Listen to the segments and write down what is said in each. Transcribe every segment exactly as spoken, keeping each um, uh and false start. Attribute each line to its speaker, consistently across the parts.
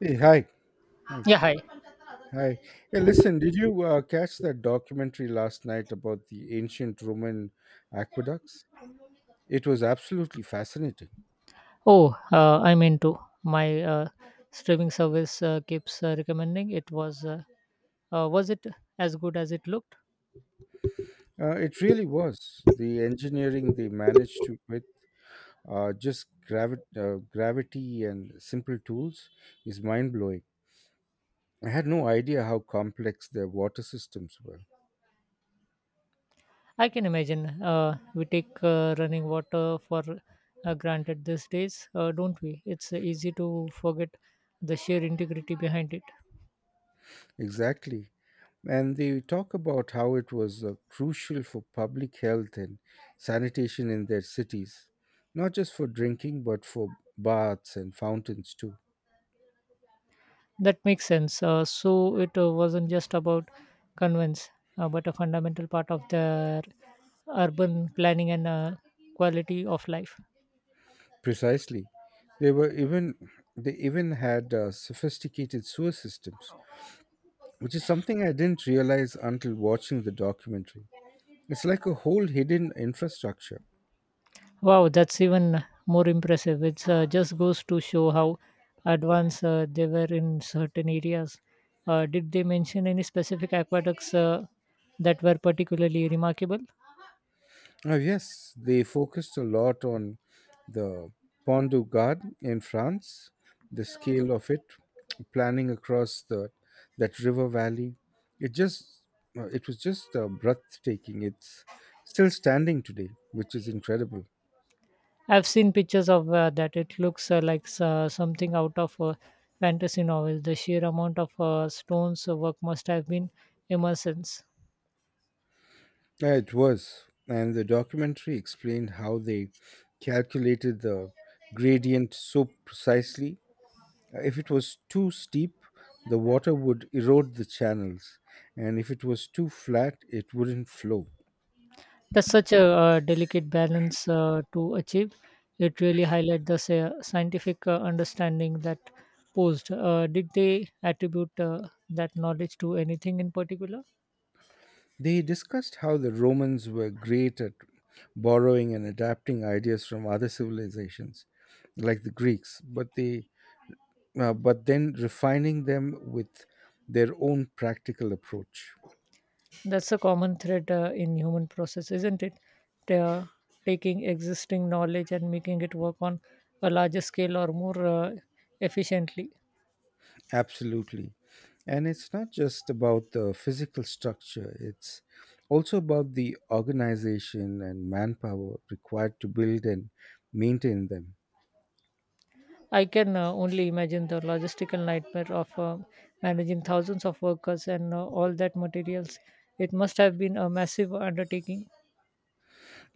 Speaker 1: Hey, hi. Hi. Hi. Hey, listen, did you uh, catch that documentary last night about the ancient Roman aqueducts? It was absolutely fascinating.
Speaker 2: Oh, uh, I'm into my uh, streaming service uh, keeps uh, recommending it was uh, uh, was it as good as it looked?
Speaker 1: Uh, it really was. The engineering they managed to with uh, just gravi- uh, gravity and simple tools is mind blowing. I had no idea how complex their water systems were.
Speaker 2: I can imagine uh, we take uh, running water for uh, granted these days, uh, don't we? It's uh, easy to forget the sheer integrity behind it.
Speaker 1: Exactly. And they talk about how it was uh, crucial for public health and sanitation in their cities, not just for drinking, but for baths and fountains too.
Speaker 2: That makes sense. Uh, so it uh, wasn't just about convents, uh, but a fundamental part of their urban planning and uh, quality of life.
Speaker 1: Precisely. They were even they even had uh, sophisticated sewer systems, which is something I didn't realize until watching the documentary. It's like a whole hidden infrastructure.
Speaker 2: Wow, that's even more impressive. It uh, just goes to show how advanced uh, they were in certain areas. Uh, did they mention any specific aqueducts uh, that were particularly remarkable?
Speaker 1: Oh, yes, they focused a lot on the Pont du Gard in France, the scale of it, planning across the that river valley. It just uh, it was just uh, breathtaking. It's still standing today, which is incredible.
Speaker 2: I've seen pictures of uh, that. It looks uh, like s- uh, something out of a fantasy novel. The sheer amount of uh, Stone's uh, work must have been immense.
Speaker 1: Yeah, it was, and the documentary explained how they calculated the gradient so precisely. If it was too steep, the water would erode the channels, and if it was too flat, it wouldn't flow.
Speaker 2: That's such a uh, delicate balance uh, to achieve. It really highlights the sa- scientific uh, understanding that posed. Uh, did they attribute uh, that knowledge to anything in particular?
Speaker 1: They discussed how the Romans were great at borrowing and adapting ideas from other civilizations, like the Greeks, but they uh, but then refining them with their own practical approach.
Speaker 2: That's a common thread uh, in human process, isn't it? They are taking existing knowledge and making it work on a larger scale or more uh, efficiently.
Speaker 1: Absolutely. And it's not just about the physical structure, it's also about the organization and manpower required to build and maintain them.
Speaker 2: I can uh, only imagine the logistical nightmare of uh, managing thousands of workers and uh, all that materials. It must have been a massive undertaking.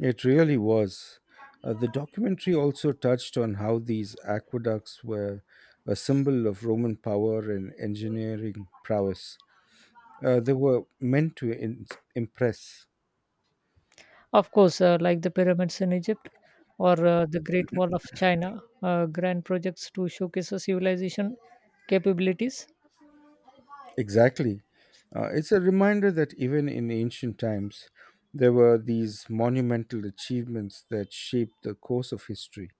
Speaker 1: It really was. Uh, the documentary also touched on how these aqueducts were a symbol of Roman power and engineering prowess. Uh, they were meant to in- impress.
Speaker 2: Of course, uh, like the pyramids in Egypt or uh, the Great Wall of China, uh, grand projects to showcase a civilization capabilities.
Speaker 1: Exactly. Uh, it's a reminder that even in ancient times, there were these monumental achievements that shaped the course of history.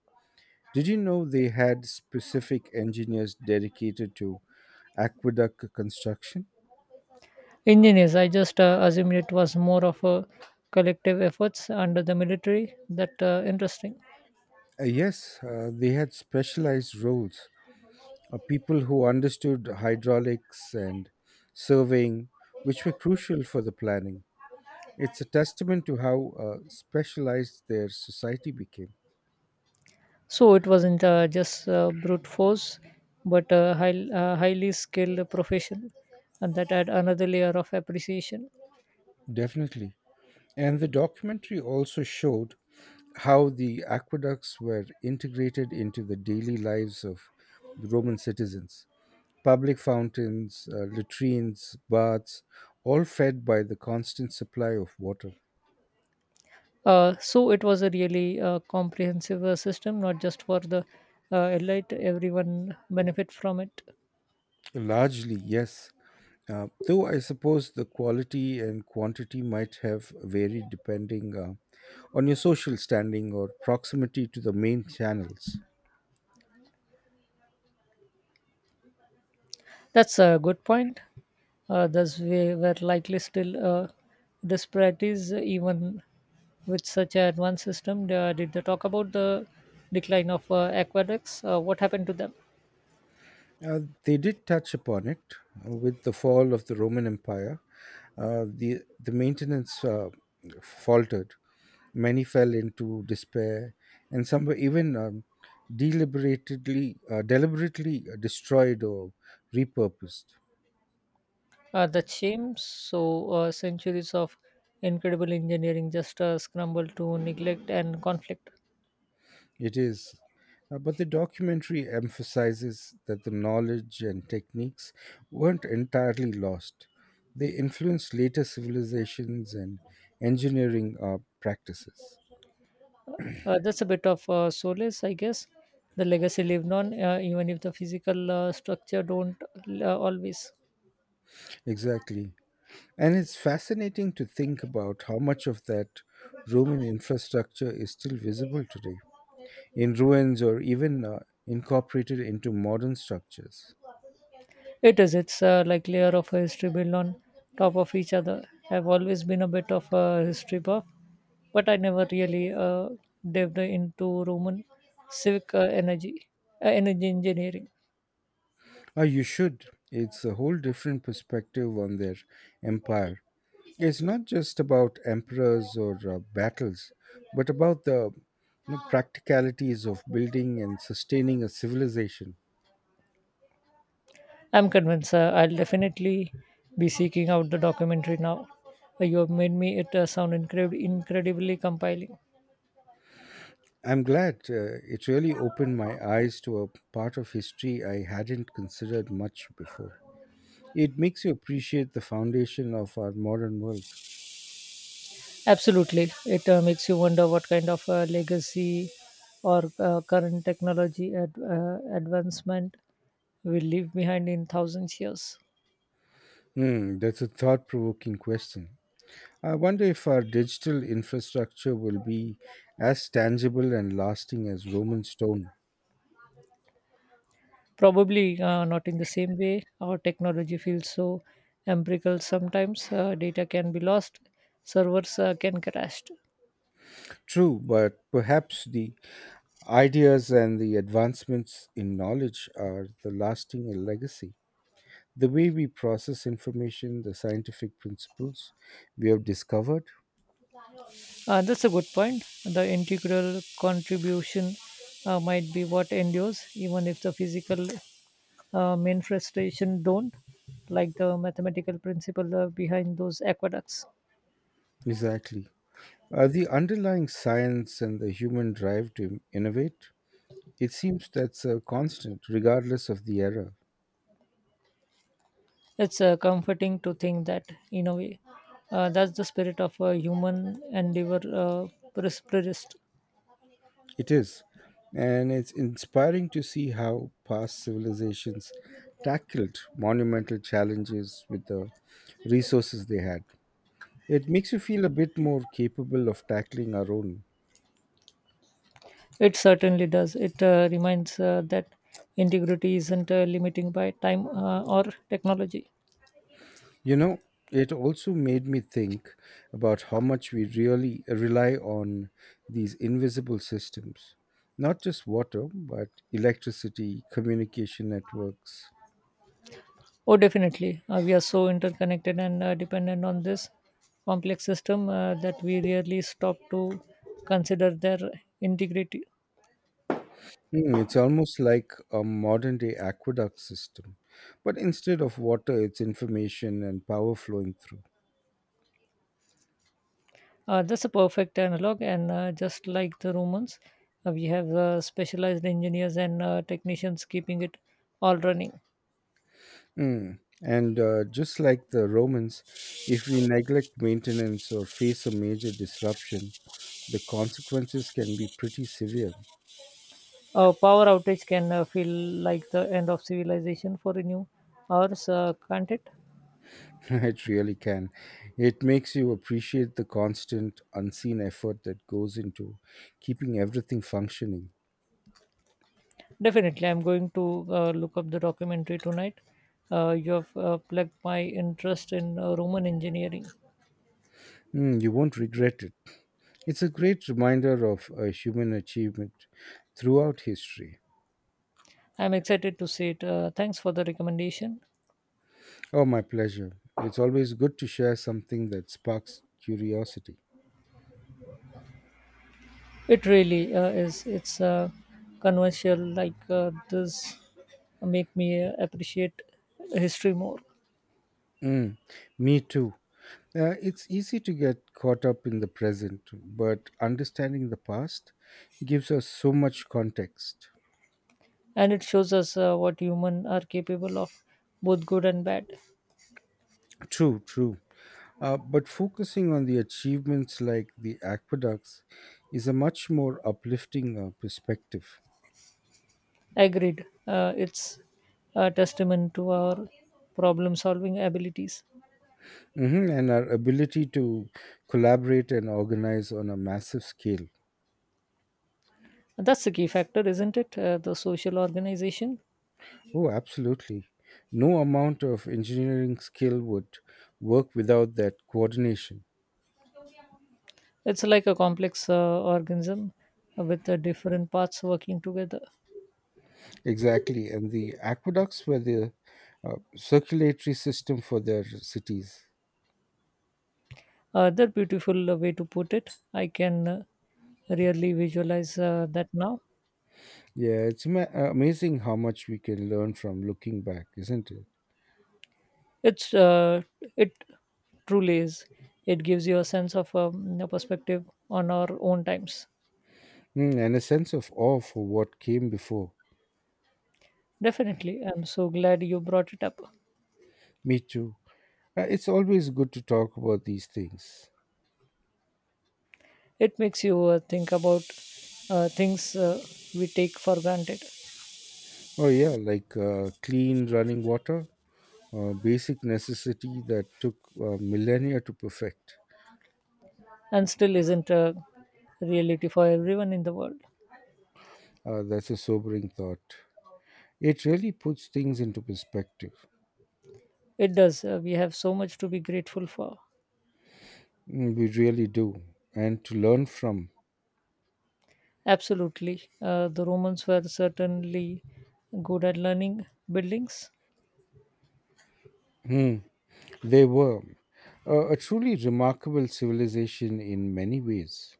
Speaker 1: Did you know they had specific engineers dedicated to aqueduct construction?
Speaker 2: Engineers, I just uh, assumed it was more of a collective efforts under the military. That uh, interesting.
Speaker 1: Uh, yes, uh, they had specialized roles, uh, people who understood hydraulics and surveying, which were crucial for the planning. It's a testament to how uh, specialized their society became.
Speaker 2: So it wasn't uh, just uh, brute force, but a high, uh, highly skilled professional, and that had another layer of appreciation.
Speaker 1: Definitely. And the documentary also showed how the aqueducts were integrated into the daily lives of the Roman citizens. Public fountains, uh, latrines, baths, all fed by the constant supply of water.
Speaker 2: Uh, so it was a really uh, comprehensive uh, system, not just for the uh, elite. Everyone benefit from it.
Speaker 1: Largely, yes. Uh, though I suppose the quality and quantity might have varied depending uh, on your social standing or proximity to the main channels.
Speaker 2: That's a good point. Uh, thus, we were likely still uh, disparities, uh, even with such an advanced system. Uh, did they talk about the decline of uh, aqueducts? Uh, what happened to them?
Speaker 1: Uh, they did touch upon it uh, with the fall of the Roman Empire. Uh, the the maintenance uh, faltered. Many fell into despair, and some were even um, deliberately, uh, deliberately destroyed or repurposed.
Speaker 2: Uh, that shame. So uh, centuries of incredible engineering just uh, scrambled to neglect and conflict.
Speaker 1: It is, uh, but the documentary emphasizes that the knowledge and techniques weren't entirely lost. They influenced later civilizations and engineering uh, practices.
Speaker 2: Uh, that's a bit of uh, solace, I guess. The legacy lived on, uh, even if the physical uh, structure don't uh, always.
Speaker 1: Exactly. And it's fascinating to think about how much of that Roman infrastructure is still visible today, in ruins or even uh, incorporated into modern structures.
Speaker 2: It is. It's uh, like layer of a history built on top of each other. I've always been a bit of a history buff, but I never really uh, dived into Roman civic uh, energy, uh, energy engineering.
Speaker 1: Oh, you should. It's a whole different perspective on their empire. It's not just about emperors or uh, battles, but about the you know, practicalities of building and sustaining a civilization.
Speaker 2: I'm convinced, sir. I'll definitely be seeking out the documentary now. Uh, You have made me it uh, sound incred- incredibly compelling.
Speaker 1: I'm glad uh, it really opened my eyes to a part of history I hadn't considered much before. It makes you appreciate the foundation of our modern world.
Speaker 2: Absolutely, it uh, makes you wonder what kind of uh, legacy or uh, current technology ad- uh, advancement will leave behind in thousands years.
Speaker 1: Hmm, that's a thought provoking question. I wonder if our digital infrastructure will be as tangible and lasting as Roman stone.
Speaker 2: Probably uh, not in the same way. Our technology feels so empirical sometimes. Uh, data can be lost, servers uh, can crash.
Speaker 1: True, but perhaps the ideas and the advancements in knowledge are the lasting legacy. The way we process information, the scientific principles we have discovered.
Speaker 2: Uh, that's a good point. The integral contribution uh, might be what endures, even if the physical uh, manifestation don't, like the mathematical principle uh, behind those aqueducts.
Speaker 1: Exactly. Uh, the underlying science and the human drive to innovate, it seems that's a constant, regardless of the era.
Speaker 2: It's uh, comforting to think that, in a way, uh, that's the spirit of a human endeavor uh, pres- persist.
Speaker 1: It is. And it's inspiring to see how past civilizations tackled monumental challenges with the resources they had. It makes you feel a bit more capable of tackling our own.
Speaker 2: It certainly does. It uh, reminds uh, that integrity isn't uh, limiting by time uh, or technology.
Speaker 1: You know, it also made me think about how much we really rely on these invisible systems, not just water, but electricity, communication networks.
Speaker 2: Oh, definitely. Uh, we are so interconnected and uh, dependent on this complex system uh, that we rarely stop to consider their integrity.
Speaker 1: Hmm, it's almost like a modern day aqueduct system, but instead of water, it's information and power flowing through.
Speaker 2: Uh, that's a perfect analog, and uh, just like the Romans, uh, we have uh, specialized engineers and uh, technicians keeping it all running.
Speaker 1: Mm. And uh, just like the Romans, if we neglect maintenance or face a major disruption, the consequences can be pretty severe.
Speaker 2: A power outage can uh, feel like the end of civilization for a new hours, uh, can't it?
Speaker 1: It really can. It makes you appreciate the constant, unseen effort that goes into keeping everything functioning.
Speaker 2: Definitely, I'm going to uh, look up the documentary tonight. Uh, you have uh, plugged my interest in uh, Roman engineering.
Speaker 1: Mm, you won't regret it. It's a great reminder of uh, human achievement throughout history.
Speaker 2: I'm excited to see it. Uh, thanks for the recommendation.
Speaker 1: Oh, my pleasure. It's always good to share something that sparks curiosity.
Speaker 2: It really uh, is. It's uh, conventional like uh, this make me uh, appreciate history more,
Speaker 1: Mm, me too. Uh, it's easy to get caught up in the present, but understanding the past gives us so much context.
Speaker 2: and it shows us uh, what human are capable of, both good and bad.
Speaker 1: True, true. Uh, but focusing on the achievements like the aqueducts is a much more uplifting uh, perspective.
Speaker 2: Agreed. Uh, it's a testament to our problem solving abilities.
Speaker 1: Mhm. And our ability to collaborate and organize on a massive scale.
Speaker 2: That's the key factor, isn't it? Uh, the social organization.
Speaker 1: Oh, absolutely. No amount of engineering skill would work without that coordination.
Speaker 2: It's like a complex uh, organism with uh, different parts working together.
Speaker 1: Exactly. And the aqueducts were the uh, circulatory system for their cities.
Speaker 2: Uh, that beautiful uh, way to put it. I can uh, really visualize uh, that now.
Speaker 1: Yeah, it's ama- amazing how much we can learn from looking back, isn't it?
Speaker 2: It's uh, it truly is. It gives you a sense of um, a perspective on our own times.
Speaker 1: Mm, and a sense of awe for what came before.
Speaker 2: Definitely, I'm so glad you brought it up.
Speaker 1: Me too. Uh, it's always good to talk about these things.
Speaker 2: It makes you uh, think about uh, things uh, we take for granted
Speaker 1: Oh, yeah, like uh, clean running water, a basic necessity that took uh, millennia to perfect.
Speaker 2: and still isn't a reality for everyone in the world.
Speaker 1: Uh, that's a sobering thought. It really puts things into perspective.
Speaker 2: It does. Uh, we have so much to be grateful for.
Speaker 1: Mm, we really do. And to learn from.
Speaker 2: Absolutely. Uh, the Romans were certainly good at learning buildings.
Speaker 1: Hmm, they were uh, a truly remarkable civilization in many ways.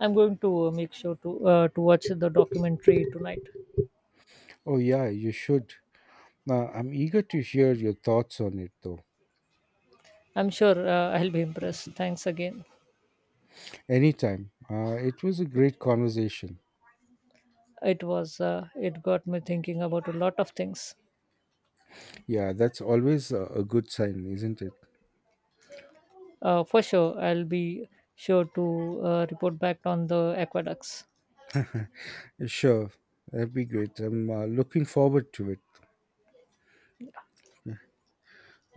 Speaker 2: I'm going to uh, make sure to uh, to watch the documentary tonight.
Speaker 1: Oh, yeah, you should. Uh, I'm eager to hear your thoughts on it, though.
Speaker 2: I'm sure uh, I'll be impressed. Thanks again.
Speaker 1: Anytime. Uh, it was a great conversation.
Speaker 2: It was uh, it got me thinking about a lot of things.
Speaker 1: Yeah, that's always a, a good sign, isn't it?
Speaker 2: Uh, for sure, I'll be sure to uh, report back on the aqueducts.
Speaker 1: Sure, that'd be great. I'm uh, looking forward to it.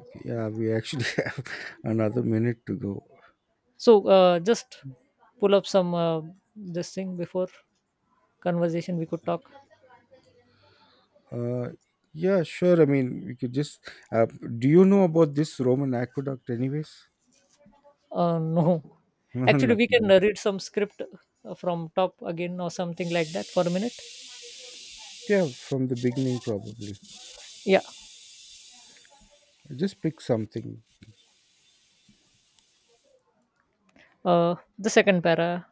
Speaker 1: Okay. Yeah, we actually have another minute to go.
Speaker 2: So uh, just pull up some uh, this thing before conversation. We could talk.
Speaker 1: Uh, yeah, sure. I mean, we could just. Uh, do you know about this Roman aqueduct, anyways?
Speaker 2: Uh, no, actually, we
Speaker 1: Nothing
Speaker 2: can
Speaker 1: else.
Speaker 2: uh, read some script uh, from top again or something like that for a minute.
Speaker 1: Yeah, from the beginning, probably.
Speaker 2: Yeah,
Speaker 1: Just pick something,
Speaker 2: uh, the second para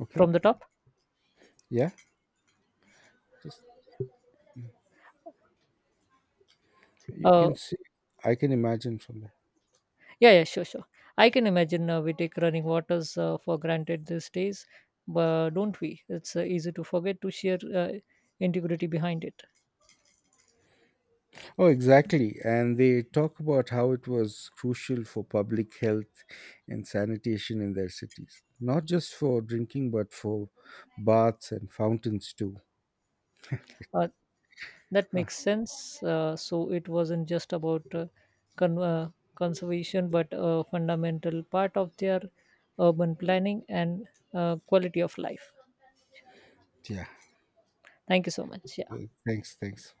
Speaker 1: okay?
Speaker 2: from the top.
Speaker 1: Yeah, just You
Speaker 2: Uh,
Speaker 1: can see, I can imagine from there.
Speaker 2: yeah, yeah, sure, sure. I can imagine uh, we take running waters uh, for granted these days, but don't we? It's uh, easy to forget to share uh, integrity behind it.
Speaker 1: Oh, exactly. And they talk about how it was crucial for public health and sanitation in their cities, not just for drinking, but for baths and fountains too.
Speaker 2: Uh, that
Speaker 1: Huh.
Speaker 2: makes sense. Uh, so it wasn't just about uh, con- uh, conservation, but a fundamental part of their urban planning and uh, quality of life.
Speaker 1: Yeah.
Speaker 2: Thank you so much. Yeah.
Speaker 1: Thanks. Thanks.